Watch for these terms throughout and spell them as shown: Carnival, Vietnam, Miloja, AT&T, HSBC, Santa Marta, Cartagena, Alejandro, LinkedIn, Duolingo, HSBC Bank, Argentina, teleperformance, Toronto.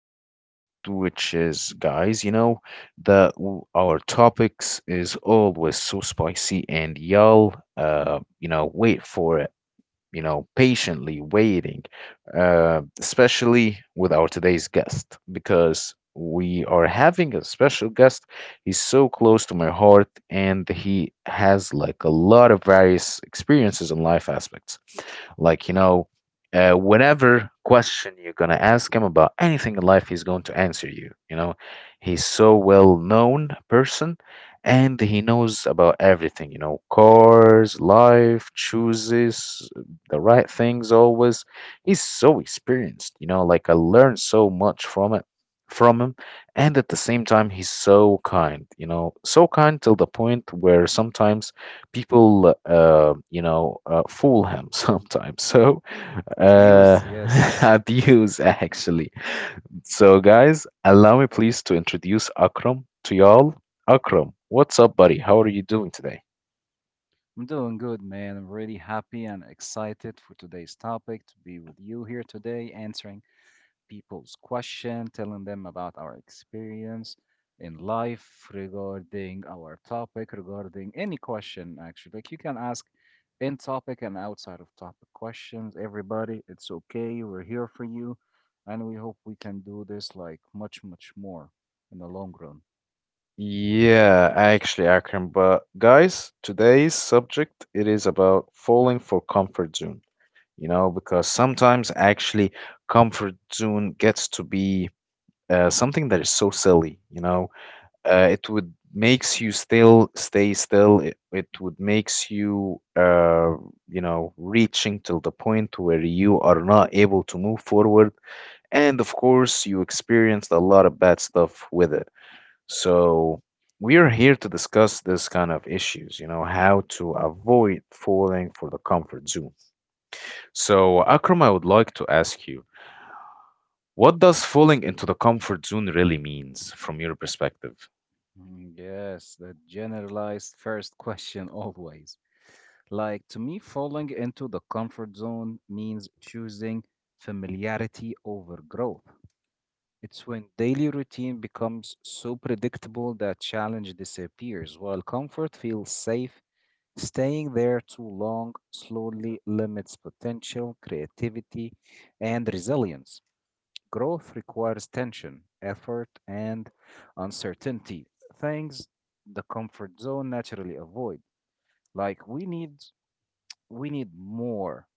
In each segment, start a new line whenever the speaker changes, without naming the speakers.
new episode, which is, guys, our topics is always so spicy, and y'all, wait for patiently waiting, especially with our today's guest, because we are having a special guest. He's so close to my heart and he has like a lot of various experiences and life aspects. Like, you know, whatever question you're going to ask him about anything in life, he's going to answer you. He's so well known person and he knows about everything, you know, cars, life choices, the right things always. He's so experienced, you know, like I learned so much from it from him and at the same time he's so kind, you know, so kind till the point where sometimes people fool him sometimes so
Abuse,
uh
yes.
abuse actually. So guys, allow me please to introduce Akram to y'all. Akram, what's up buddy, how are you doing today?
I'm doing good, man. I'm really happy and excited for today's topic to be with you here today, answering people's question, telling them about our experience in life regarding our topic, regarding any question, actually. Like you can ask in topic and outside of topic questions. Everybody, it's okay. We're here for you, and we hope we can do this like much, much more in the long run.
Yeah, actually, Akram, but guys, today's subject it is about falling for comfort zone, you know, because sometimes actually comfort zone gets to be something that is so silly, you know, it would makes you still stay still, it would makes you you know reaching till the point where you are not able to move forward, and of course you experienced a lot of bad stuff with it. So we are here to discuss this kind of issues, you know, how to avoid falling for the comfort zone. So Akram, I would like to ask you, what does falling into the comfort zone really means from your perspective?
Yes, the generalized first question always. Like to me, falling into the comfort zone means choosing familiarity over growth. It's when daily routine becomes so predictable that challenge disappears, while comfort feels safe. Staying there too long slowly limits potential, creativity, and resilience. Growth requires tension, effort, and uncertainty, things the comfort zone naturally avoid. Like we need more.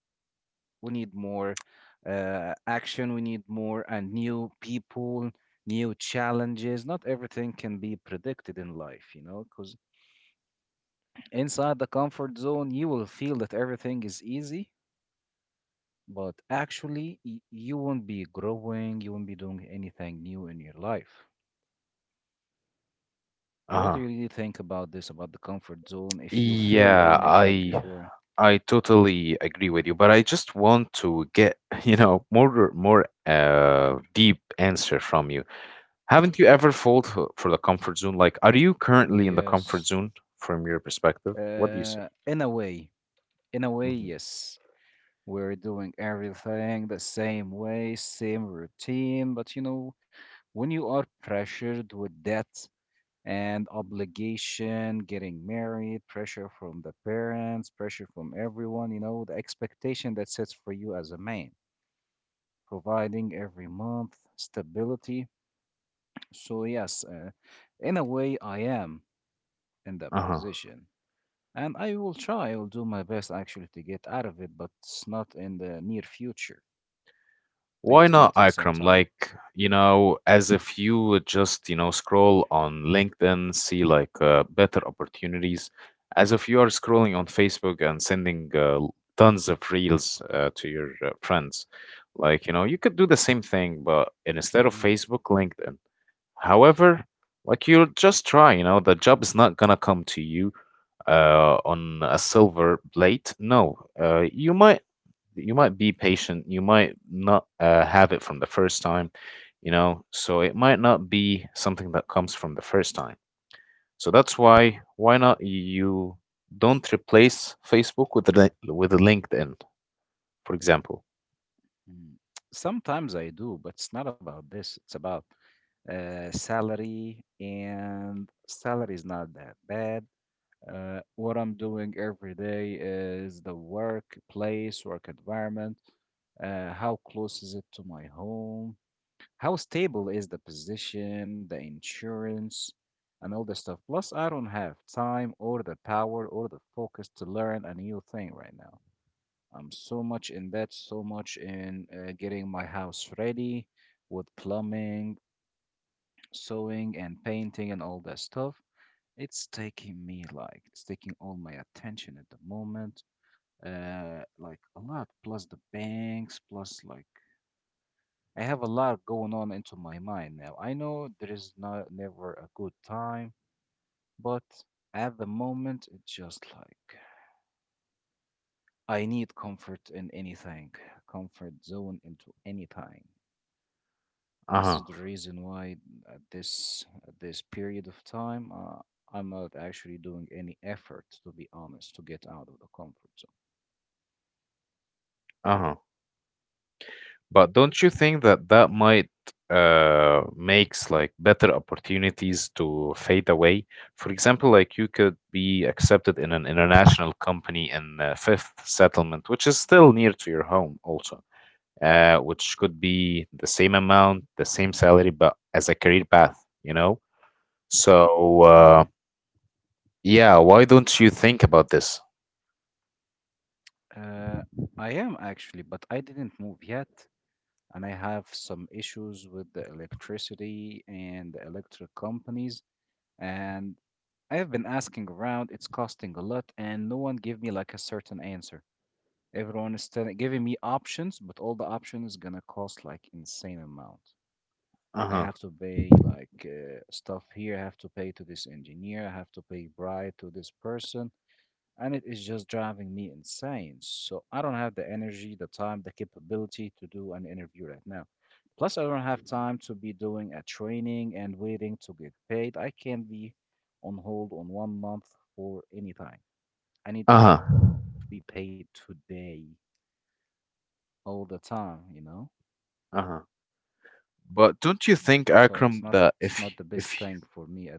We need more action, we need more and new people, new challenges. Not everything can be predicted in life, you know, because inside the comfort zone, you will feel that everything is easy, but actually, you won't be growing, you won't be doing anything new in your life. What do
Uh-huh.
you really think about this, about the comfort zone, if you feel
Yeah,
in it like
I
before?
I totally agree with you, but I just want to get, you know, more deep answer from you. Haven't you ever fought for the comfort zone? Like, are you currently in the comfort
Yes.
zone from your perspective? What do you say?
Uh, in a way, in a way,
Hmm.
yes. We're doing everything the same way, same routine, but you know, when you are pressured with debt and obligation, getting married, pressure from the parents, pressure from everyone, you know, the expectation that sets for you as a man, providing every month stability. So, yes, in a way, I am in that
Uh-huh.
position. And I will try, I will do my best actually to get out of it, but it's not in the near future. I think
Why
it's going to
not,
take some
Ikram?
time.
Like, you know, as if you would just, you know, scroll on LinkedIn, see like better opportunities, as if you are scrolling on Facebook and sending tons of reels to your friends. Like, you know, you could do the same thing, but instead of
hmm
Facebook, LinkedIn. However, like you'll just try, you know, the job is not gonna come to you on a silver plate. No, you might be patient, you might not have it from the first time, you know, so it might not be something that comes from the first time. So that's why not you don't replace Facebook with with a LinkedIn, for example.
Sometimes I do, but it's not about this. It's about salary, and salary is not that bad. What I'm doing every day is the workplace, work environment. How close is it to my home? How stable is the position, the insurance, and all this stuff? Plus, I don't have time or the power or the focus to learn a new thing right now. I'm so much in that, so much in getting my house ready with plumbing, sewing and painting and all that stuff. It's taking me like it's taking all my attention at the moment, like a lot. Plus the banks, plus like I have a lot going on into my mind now. I know there is not never a good time, but at the moment it's just like I need comfort in anything, comfort zone into anything. This
Uh-huh.
is the reason why at this period of time, I'm not actually doing any effort, to be honest, to get out of the comfort
Uh-huh. But don't you think that that might makes like better opportunities to fade away? For example, like you could be accepted in an international company in fifth settlement, which is still near to your home also, which could be the same amount, the same salary, but as a career path, you know? So
zone.
yeah, why don't you think about this?
Mm-hmm. I am actually, but I didn't move yet, and I have some issues with the electricity and the electric companies, and I have been asking around. It's costing a lot, and no one give me like a certain answer. Everyone is telling, giving me options, but all the options is gonna cost like insane amount. I
Uh-huh.
have to pay like stuff here. I have to pay to this engineer. I have to pay bribe to this person. And it is just driving me insane. So I don't have the energy, the time, the capability to do an interview right now. Plus, I don't have time to be doing a training and waiting to get paid. I can't be on hold on 1 month for any time. I need to be
Uh-huh.
paid today all the time, you know?
Uh-huh. But
So
don't you
it's not
think,
it's not
Akram,
the
that
best
if
thing for
if
me at the moment.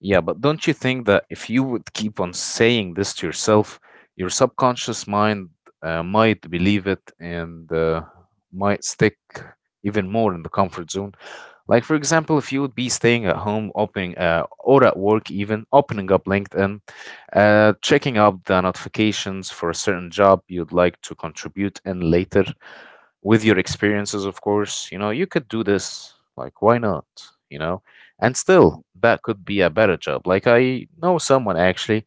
yeah, but don't you think that if you would keep on saying this to yourself, your subconscious mind might believe it and might stick even more in the comfort zone? Like, for example, if you would be staying at home, opening or at work, even opening up LinkedIn, checking up the notifications for a certain job you'd like to contribute in later, with your experiences, of course, you know, you could do this. Like, why not? You know, and
Y-
still, that could be a better job. Like, I know someone actually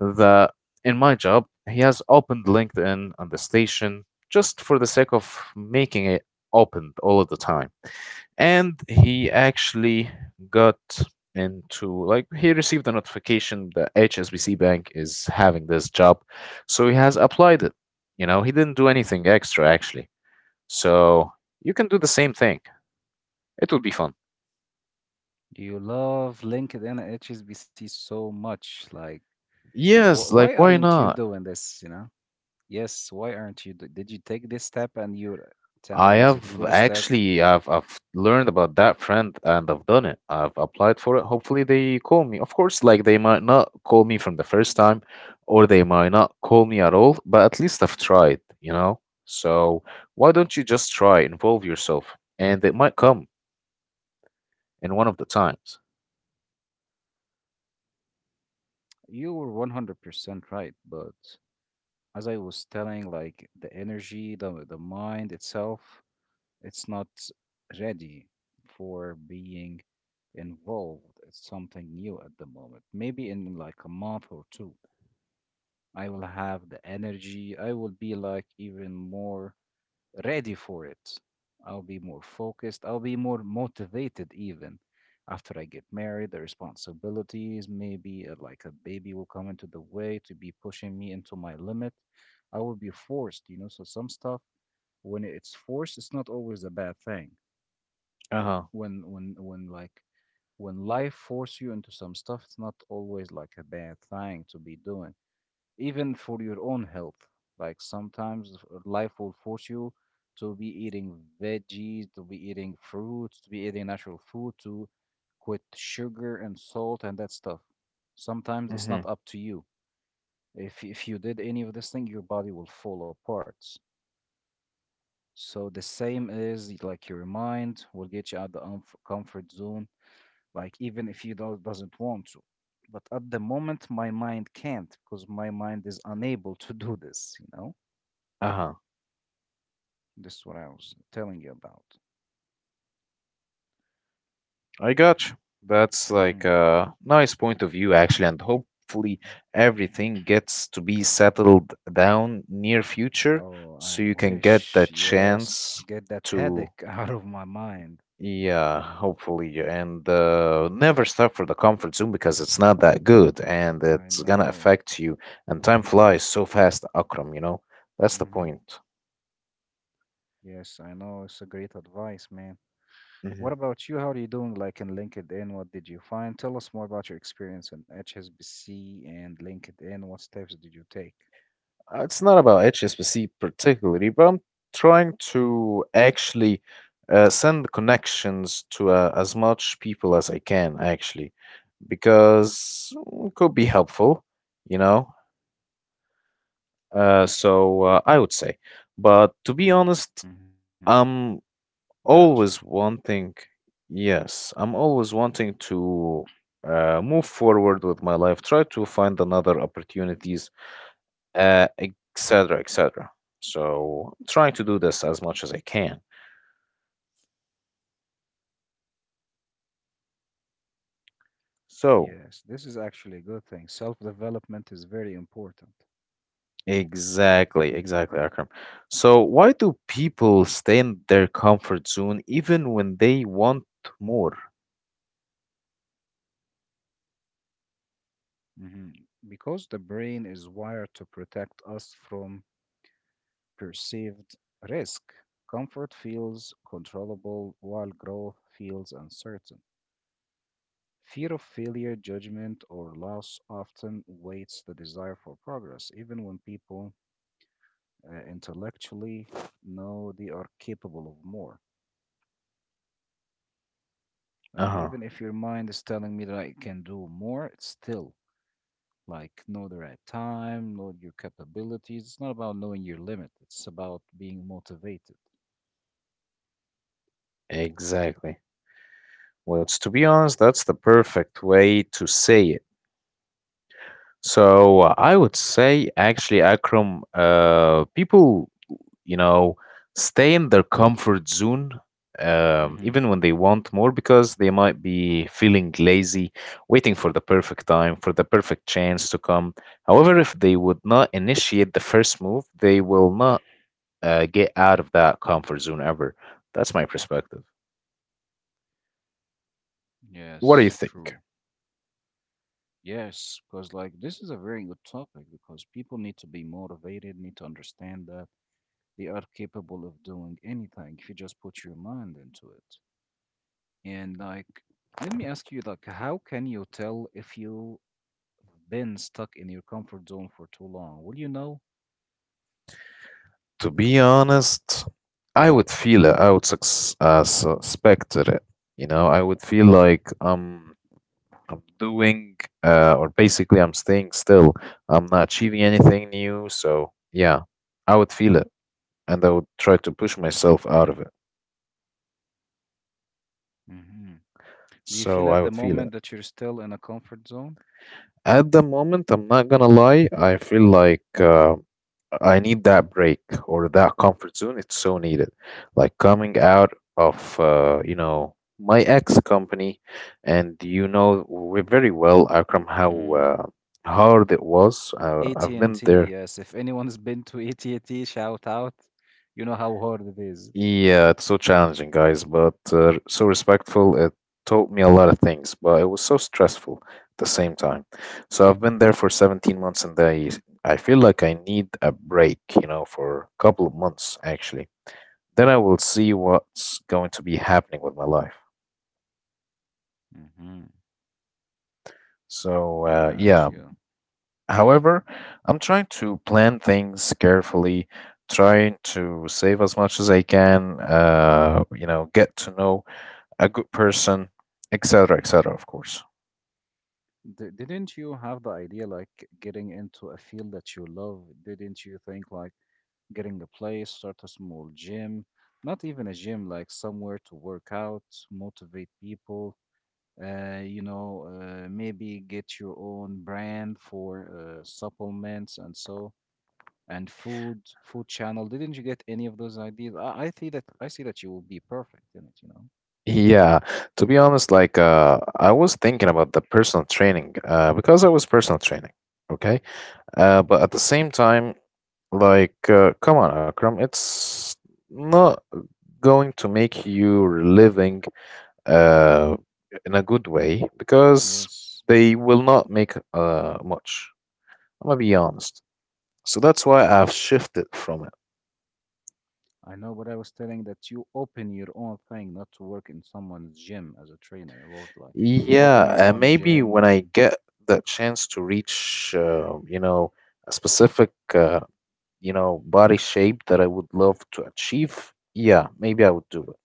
that in my job, he has opened LinkedIn on the station just for the sake of making it open all of the time. And he actually got into, like, he received a notification that HSBC Bank is having this job. So he has applied it. You know, he didn't do anything extra actually, so you can do the same thing. It will be fun.
Do you love LinkedIn and HSBC so much? Like, wh
Yes,
why
like why
aren't you
not?
doing this, you know? Yes, why aren't you? Did you take this step and you're
I
telling me is it a
have
good step?
actually, I've learned about that friend and I've done it. I've applied for it. Hopefully they call me. Of course, like they might not call me from the first time, or they might not call me at all, but at least I've tried, you know? So why don't you just try, involve yourself, and it might come in one of the times.
You were 100% right, but as I was telling, like the energy, the mind itself, it's not ready for being involved. It's something new at the moment. Maybe in like a month or two. I will have the energy. I will be like even more ready for it. I'll be more focused. I'll be more motivated even after I get married. The responsibilities, maybe like a baby will come into the way to be pushing me into my limit. I will be forced, you know. So some stuff when it's forced, it's not always a bad thing.
Uh-huh.
When when when like when life force you into some stuff, it's not always like a bad thing to be doing even for your own health. Like sometimes life will force you to be eating veggies, to be eating fruits, to be eating natural food, to quit sugar and salt and that stuff. Sometimes it's
Mm-hmm.
not up to you. If you did any of this thing, your body will fall apart. So the same is like your mind will get you out the comfort zone, like even if you don't doesn't want to. But at the moment, my mind can't because my mind is unable to do this, you know?
Uh-huh.
This is what I was telling you about.
I got you. That's like
Mm-hmm.
a nice point of view, actually, and hopefully everything gets to be settled down near future,
Oh,
so
I
you can get
wish.
that
Yes,
chance
get that
to,
headache out of my mind.
yeah, hopefully, and never stop for the comfort zone because it's not that good and
I
it's gonna
know.
affect you. And time flies so fast, Akram. You know, that's the
Mm-hmm.
point.
Yes, I know. It's a great advice, man. What
Mhm.
about you? How are you doing? Like in LinkedIn, what did you find? Tell us more about your experience in HSBC and LinkedIn. What steps did you take?
It's not about HSBC particularly, but I'm trying to actually send connections to as much people as I can, actually, because it could be helpful, you know? I would say. But to be
Mm-hmm.
honest, I'm
Gotcha.
always wanting, yes, I'm always wanting to move forward with my life, try to find another opportunities, etc., etc. So I'm trying to do this as much as I can.
Yes,
So
this is actually a good thing. Self-development is very important.
exactly, exactly, Akram. So why do people stay in their comfort zone even when they want more?
Mm-hmm. Because the brain is wired to protect us from perceived risk. Comfort feels controllable while growth feels uncertain. Fear of failure, judgment, or loss often weights the desire for progress, even when people intellectually know they are capable of more.
Uh
Like,
huh.
even if your mind is telling me that I can do more, it's still like know the right time, know your capabilities. It's not about knowing your limit, it's about being motivated.
Exactly. Which, to be honest, that's the perfect way to say it. So I would say, actually, Akram, people, you know, stay in their comfort zone,
hmm
even when they want more, because they might be feeling lazy, waiting for the perfect time, for the perfect chance to come. However, if they would not initiate the first move, they will not get out of that comfort zone ever. That's my perspective. What do
Yes,
you think?
true. Yes, because like this is a very good topic because people need to be motivated, need to understand that they are capable of doing anything if you just put your mind into it. And like, let me ask you, like, how can you tell if you've been stuck in your comfort zone for too long? Will you know?
To be honest, I would feel it. I would suspect it. You know, I would feel like I'm doing, or basically, I'm staying still. I'm not achieving anything new. So, yeah, I would feel it and I would try to push myself out of it.
hmm Do you feel
So, I
at the
would feel
moment
it.
that you're still in a comfort zone?
At the moment, I'm not gonna lie, I feel like I need that break or that comfort zone. It's so needed. Like coming out of, you know, my ex company, and you know we very well, Akram, how
hmm
hard it was. I've been
AT&T,
there.
yes. If anyone's been to AT&T, shout out. You know how hard it is.
Yeah, it's so challenging, guys, but so respectful. It taught me a lot of things, but it was so stressful at the same time. So I've been there for 17 months, and I feel like I need a break, you know, for a couple of months actually. Then I will see what's going to be happening with my life.
Mm-hmm.
So yeah.
Gotcha.
However, I'm trying to plan things carefully, trying to save as much as I can. You know, get to know a good person, etc., etc., of course.
D Didn't you have the idea like getting into a field that you love? Didn't you think like getting a place, start a small gym, not even a gym, like somewhere to work out, motivate people, maybe get your own brand for supplements and so, and food, food channel. Didn't you get any of those ideas? I see that I see that you will be perfect in it, you know.
Yeah, to be honest, I was thinking about the personal training because I was personal training, okay? But at the same time, like, come on, Akram, it's not going to make you living uh, in a good way because
Yes.
they will not make much. I'm gonna be honest. So that's why I've shifted from
I know, but I was telling that you open your own thing, not to work in someone's gym as a trainer. About like open
yeah,
your own
maybe
gym,
when I
open.
get the chance to reach, a specific, body shape that I would love to achieve, yeah, maybe I would do it.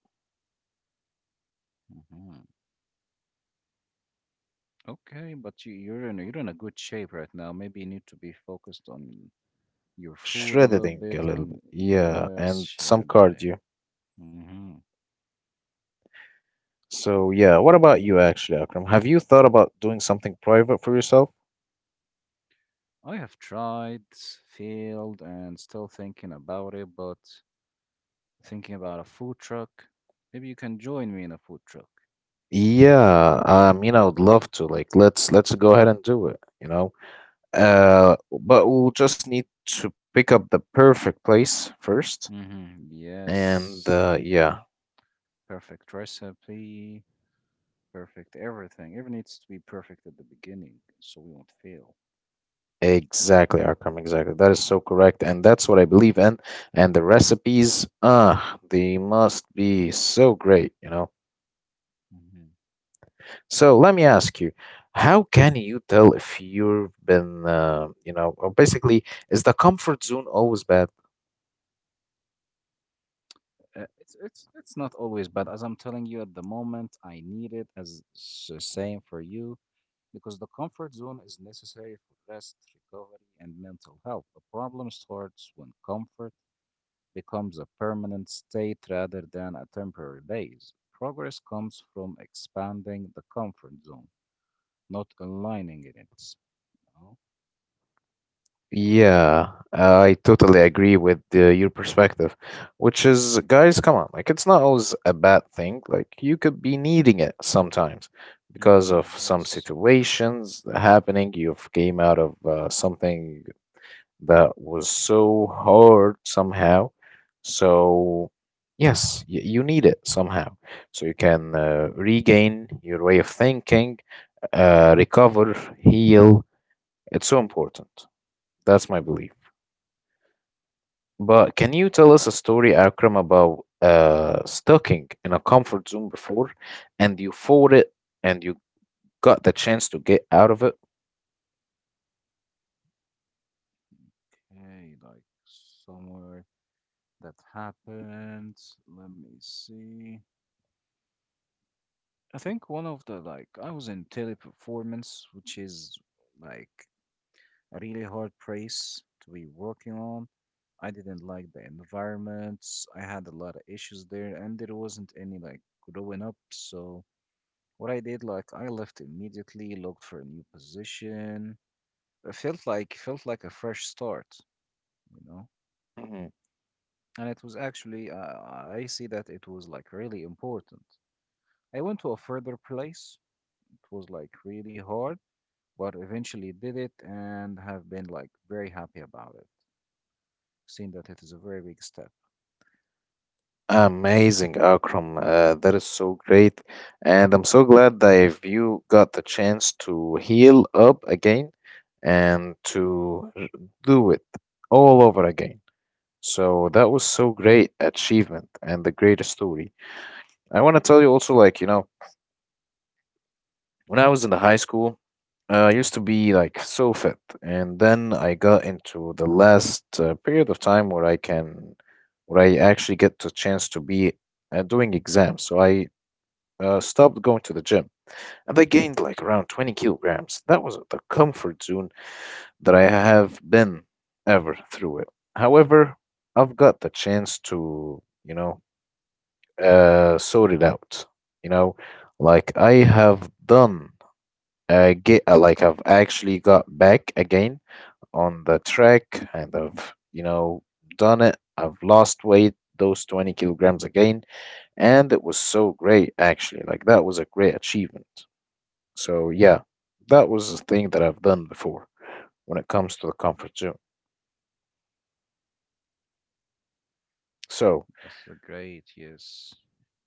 Mhm. Okay, but you're in you're in a good shape right now. Maybe you need to be focused on your food a little
Shredding a
bit.
little
And
bit, yeah,
yes,
and some
Shadede.
cardio.
Mm-hmm.
So, yeah, what about you actually, Akram? Have you thought about doing something private for yourself?
I have tried, failed, and still thinking about it. But thinking about a food truck. Maybe you can join me in a food truck.
Yeah, I mean, I would love to. Like, let's go ahead and do it, you know. But we'll just need to pick up the perfect place first.
Mm-hmm.
And
Yes.
yeah,
Perfect recipe, perfect everything. Everything needs to be perfect at the beginning so we won't fail.
exactly, Akram, exactly. That is so correct, and that's what I believe in. And the recipes, ah, they must be so great, you know.
hmm
So let me ask you, how can you tell if you've been, or basically, is the comfort zone always bad?
it's not always bad. As I'm telling you at the moment, I need it as same for you because the comfort zone is necessary for rest, recovery, and mental health. The problem starts when comfort becomes a permanent state rather than a temporary base. Progress comes from expanding the comfort zone, not aligning in it.
Yeah, I totally agree with your perspective, which is, guys, come on, like it's not always a bad thing. Like you could be needing it sometimes because of some
Yes.
situations happening. You've came out of something that was so hard somehow. So yes, y you need it somehow, so you can regain your way of thinking, recover, heal. It's so important. That's my belief. But can you tell us a story, Akram, about stucking in a comfort zone before, and you fought it, and you got the chance to get out of it?
Okay, like somewhere that happened. Let me see. I think one of the like I was in teleperformance, which is like a really hard place to be working on. I didn't like the environment. I had a lot of issues there, and there wasn't any like growing up. So what I did, like I left immediately, looked for a new position. It felt like a fresh start, you know.
Mhm.
And it was actually, I see that it was like really important. I went to a further place. It was like really hard, but eventually did it and have been like very happy about it, seeing that it is a very big step.
Amazing, Akram. That is so great, and I'm so glad that if you got the chance to heal up again and do it all over again. So that was so great achievement and the greatest story. I want to tell you also, like you know, when I was in the high school. I used
hmm
to be like so fit, and then I got into the last period of time where I can, where I actually get the chance to be doing exams. So I stopped going to the gym, and I gained like around 20 kilograms. That was the comfort zone that I have been ever through it. However, I've got the chance to, you know, sort it out. You know, like I have done get like I've actually got back again on the track and I've, you know, done it. I've lost weight, those 20 kilograms again, and it was so great actually. Like that was a great achievement. So yeah, that was a thing that I've done before when it comes to the comfort zone. So
That's a great, yes.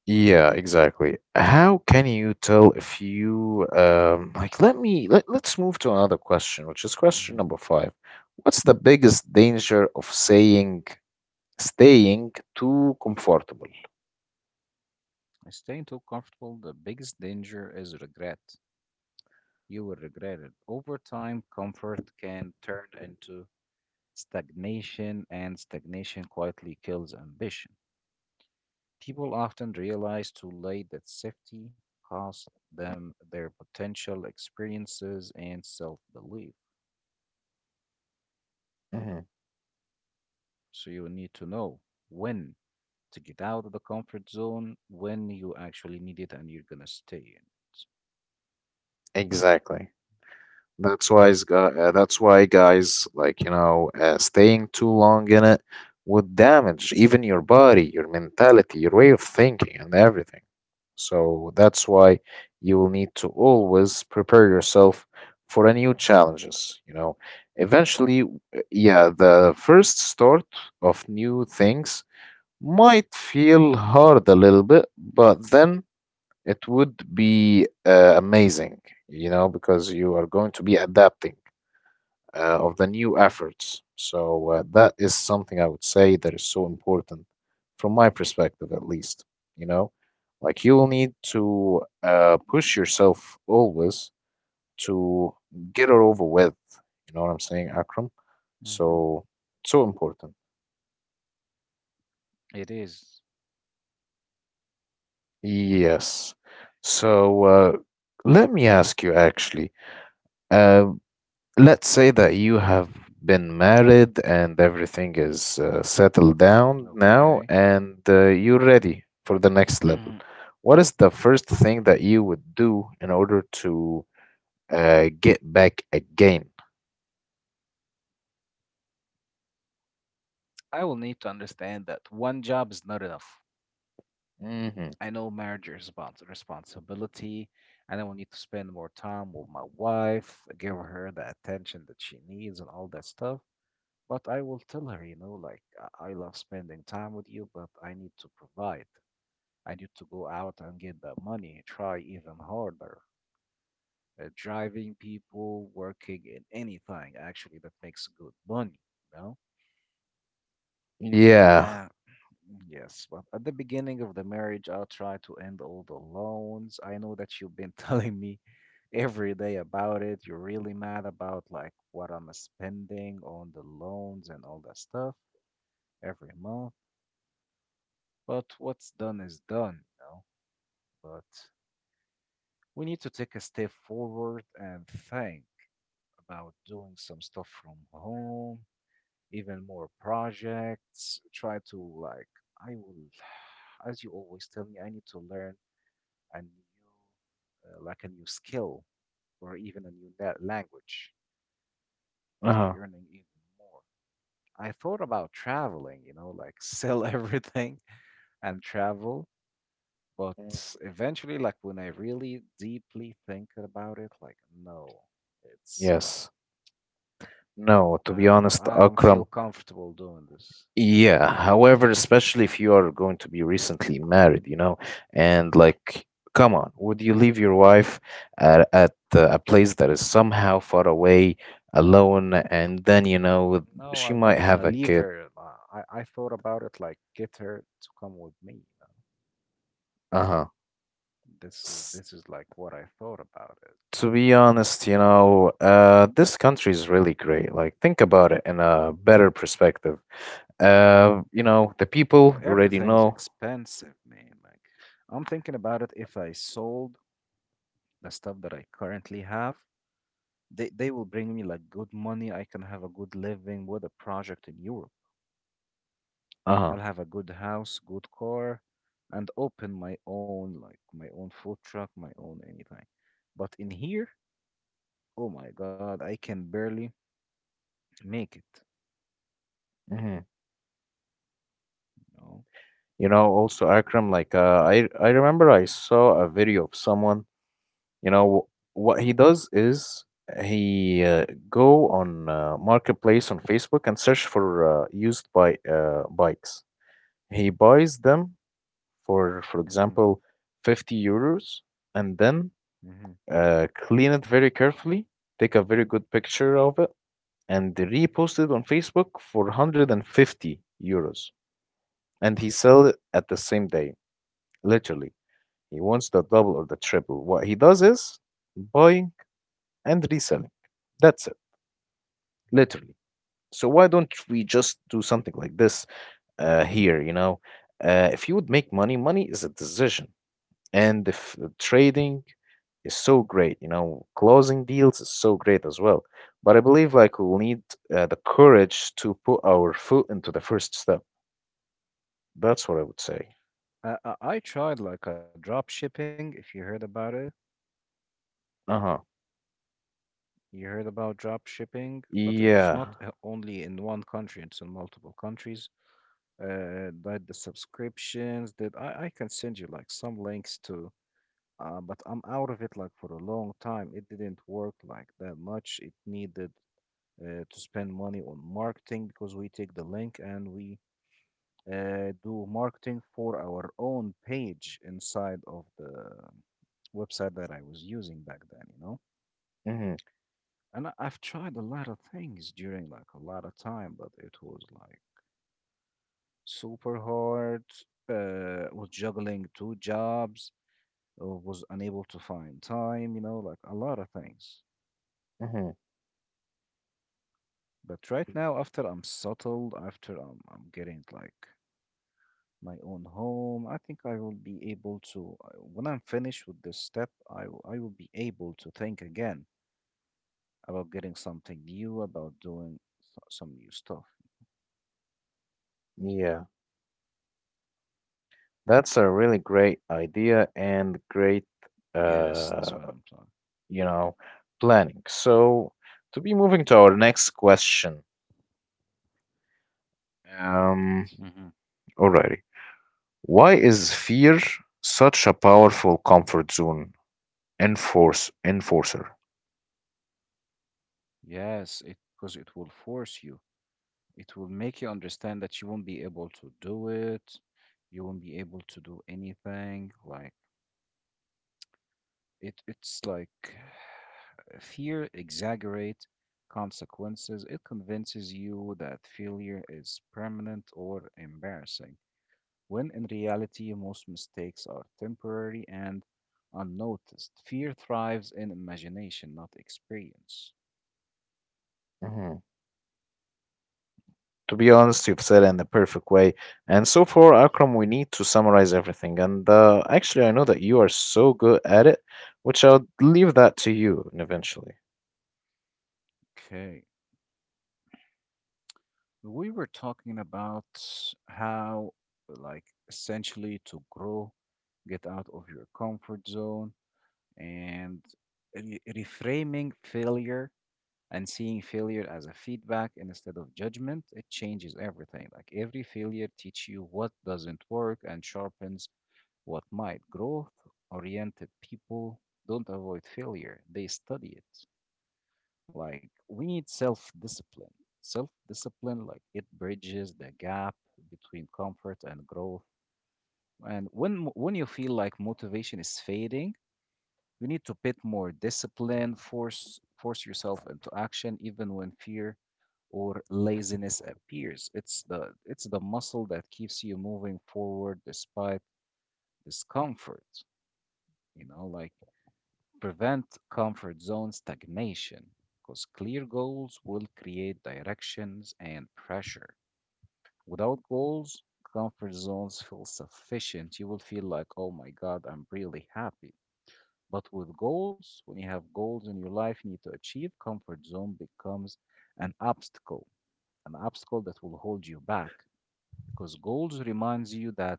yeah, exactly. How can you tell if you like let's move to another question, which is question
hmm
number five. What's the biggest danger of saying staying too comfortable?
Staying too comfortable, the biggest danger is regret. You will regret it. Over time, comfort can turn into stagnation, and stagnation quietly kills ambition. People often realize too late that safety cost them their potential experiences and self belief.
Mm-hmm.
So you need to know when to get out of the comfort zone, when you actually need it, and you're going to stay in
Exactly. That's why guys like you know staying too long in it would damage even your body, your mentality, your way of thinking, and everything. So that's why you will need to always prepare yourself for a new challenges. You know, eventually, yeah, the first start of new things might feel hard a little bit, but then it would be amazing, you know, because you are going to be adapting of the new efforts. So that is something I would say that is so important from my perspective, at least. You know, like you will need to push yourself always to get it over with. You know what I'm saying, Akram?
it. Hmm.
So, so important.
It is.
Yes. So let me ask you actually. Uh, let's say that you have been married and everything is settled
Mm,
down now
okay.
and you're ready for the next level.
Hmm.
What is the first thing that you would do in order to get back again?
I will need to understand that one job is not enough.
Hmm.
I know marriage is about responsibility, and I will need to spend more time with my wife, give her the attention that she needs, and all that stuff. But I will tell her, you know, like I love spending time with you, but I need to provide. I need to go out and get that money, try even harder. Driving people, working in anything actually that makes good money, you know?
Yeah.
Uh, yes, but at the beginning of the marriage, I'll try to end all the loans. I know that you've been telling me every day about it. You're really mad about like what I'm spending on the loans and all that stuff every month. But what's done is done, you know. But we need to take a step forward and think about doing some stuff from home, even more projects. Try to, like, I will, as you always tell me, I need to learn a new, like a new skill or even a language to
Uh-huh.
be earning even more. I thought about traveling, you know, like sell everything and travel.
Mm.
But eventually, like when I really deeply think about it, like no, it's like
Yes. No, to
I
be
don't know,
honest,
I don't feel
Akram.
comfortable doing this.
Yeah, however, especially if you are going to be recently married, you know, and like, come on, would you leave your wife at a place that is somehow far away, alone, and then, you know,
Mm. No,
she
I'm
might
not
have
gonna
a
leave
kid?
her. I thought about it like get her to come with me.
Uh-huh.
This is
S-
this is like what I thought about it.
to
Like,
be honest, you know, this country is really great. Like, think about it in a better perspective. You know, the people
but
you already
everything is
know.
expensive, man. Like, I'm thinking about it. If I sold the stuff that I currently have, they will bring me like good money. I can have a good living with a project in Europe.
Uh-huh.
I'll have a good house, good car, and open my own, like my own food truck, my own anything. But in here, oh my God, I can barely make it,
Hmm.
you know?
You know, also Akram, like uh, I remember I saw a video of someone. You know what he does is he go on marketplace on Facebook and search for used by bikes. He buys them for
Hmm.
example, €50, and then
Hmm.
clean it very carefully, take a very good picture of it, and repost it on Facebook for €150. And he sell it at the same day, literally. He wants the double or the triple. What he does is buying and reselling. That's it, literally.
Hmm.
So why don't we just do something like this here? You know, if you would make money, money is a decision. And if trading is so great. You know, closing deals is so great as well. But I believe like we'll need the courage to put our foot into the first step. That's what I would say.
I tried like a drop shipping, if you heard about it.
Uh-huh.
You heard about drop shipping, but it's not
Yeah.
only in one country, it's in multiple countries. Like the subscriptions that I can send you like some links to but I'm out of it like for a long time. It didn't work like that much. It needed to spend money on marketing because we take the link and we do marketing for our own page inside of the website that I was using back then, you know.
Mm-hmm.
And I've tried a lot of things during like a lot of time, but it was like super hard. Was juggling two jobs, was unable to find time, you know, like a lot of things.
Mm-hmm.
But right now, after I'm settled, after I'm getting like my own home, I think I will be able to, when I'm finished with this step, I will be able to think again about getting something new, about doing some new stuff.
Yeah. That's a really great idea and
Yes,
great
that's what I'm talking.
uh you know planning. So to be moving to our next question. Um
Hmm.
Alrighty. Why is fear such a powerful comfort zone enforcer?
Yes, it because it will force you. It will make you understand that you won't be able to do it. You won't be able to do anything like. It's like fear exaggerate consequences. It convinces you that failure is permanent or embarrassing, when in reality most mistakes are temporary and unnoticed. Fear thrives in imagination, not experience.
Mhm. To be honest, you've said it in the perfect way. And so far,
Yes.
Akram, we need to summarize everything. And actually, I know that you are so good at it, which I'll leave that to you eventually.
Okay. We were talking about how, like, essentially to grow, get out of your comfort zone and reframing failure and seeing failure as a feedback instead of judgment. It changes everything. Like every failure teach you what doesn't work and sharpens what might. Growth oriented people don't avoid failure, they study it. Like we need self discipline, self discipline, like it bridges the gap between comfort and growth. And when you feel like motivation is fading, you need to put more discipline, force yourself into action even when fear or laziness appears. It's the muscle that keeps you moving forward despite discomfort. You know, like prevent comfort zone stagnation because clear goals will create directions and pressure. Without goals, comfort zones feel sufficient. You will feel like, oh my God, I'm really happy. But with goals, when you have goals in your life you need to achieve, comfort zone becomes an obstacle, an obstacle that will hold you back because goals reminds you that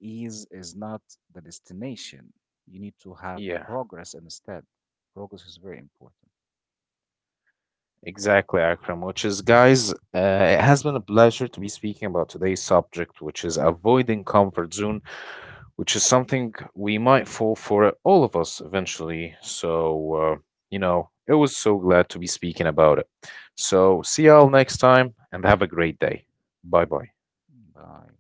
ease is not the destination. You need to have
Yeah,
progress instead. Progress is very important.
exactly, Akram. Which is, guys, it has been a pleasure to be speaking about today's subject, which is avoiding comfort zones, which is something we might fall for, all of us eventually. So, you know, it was so glad to be speaking about it. So, see y'all next time and have a great day. Bye bye.
Bye.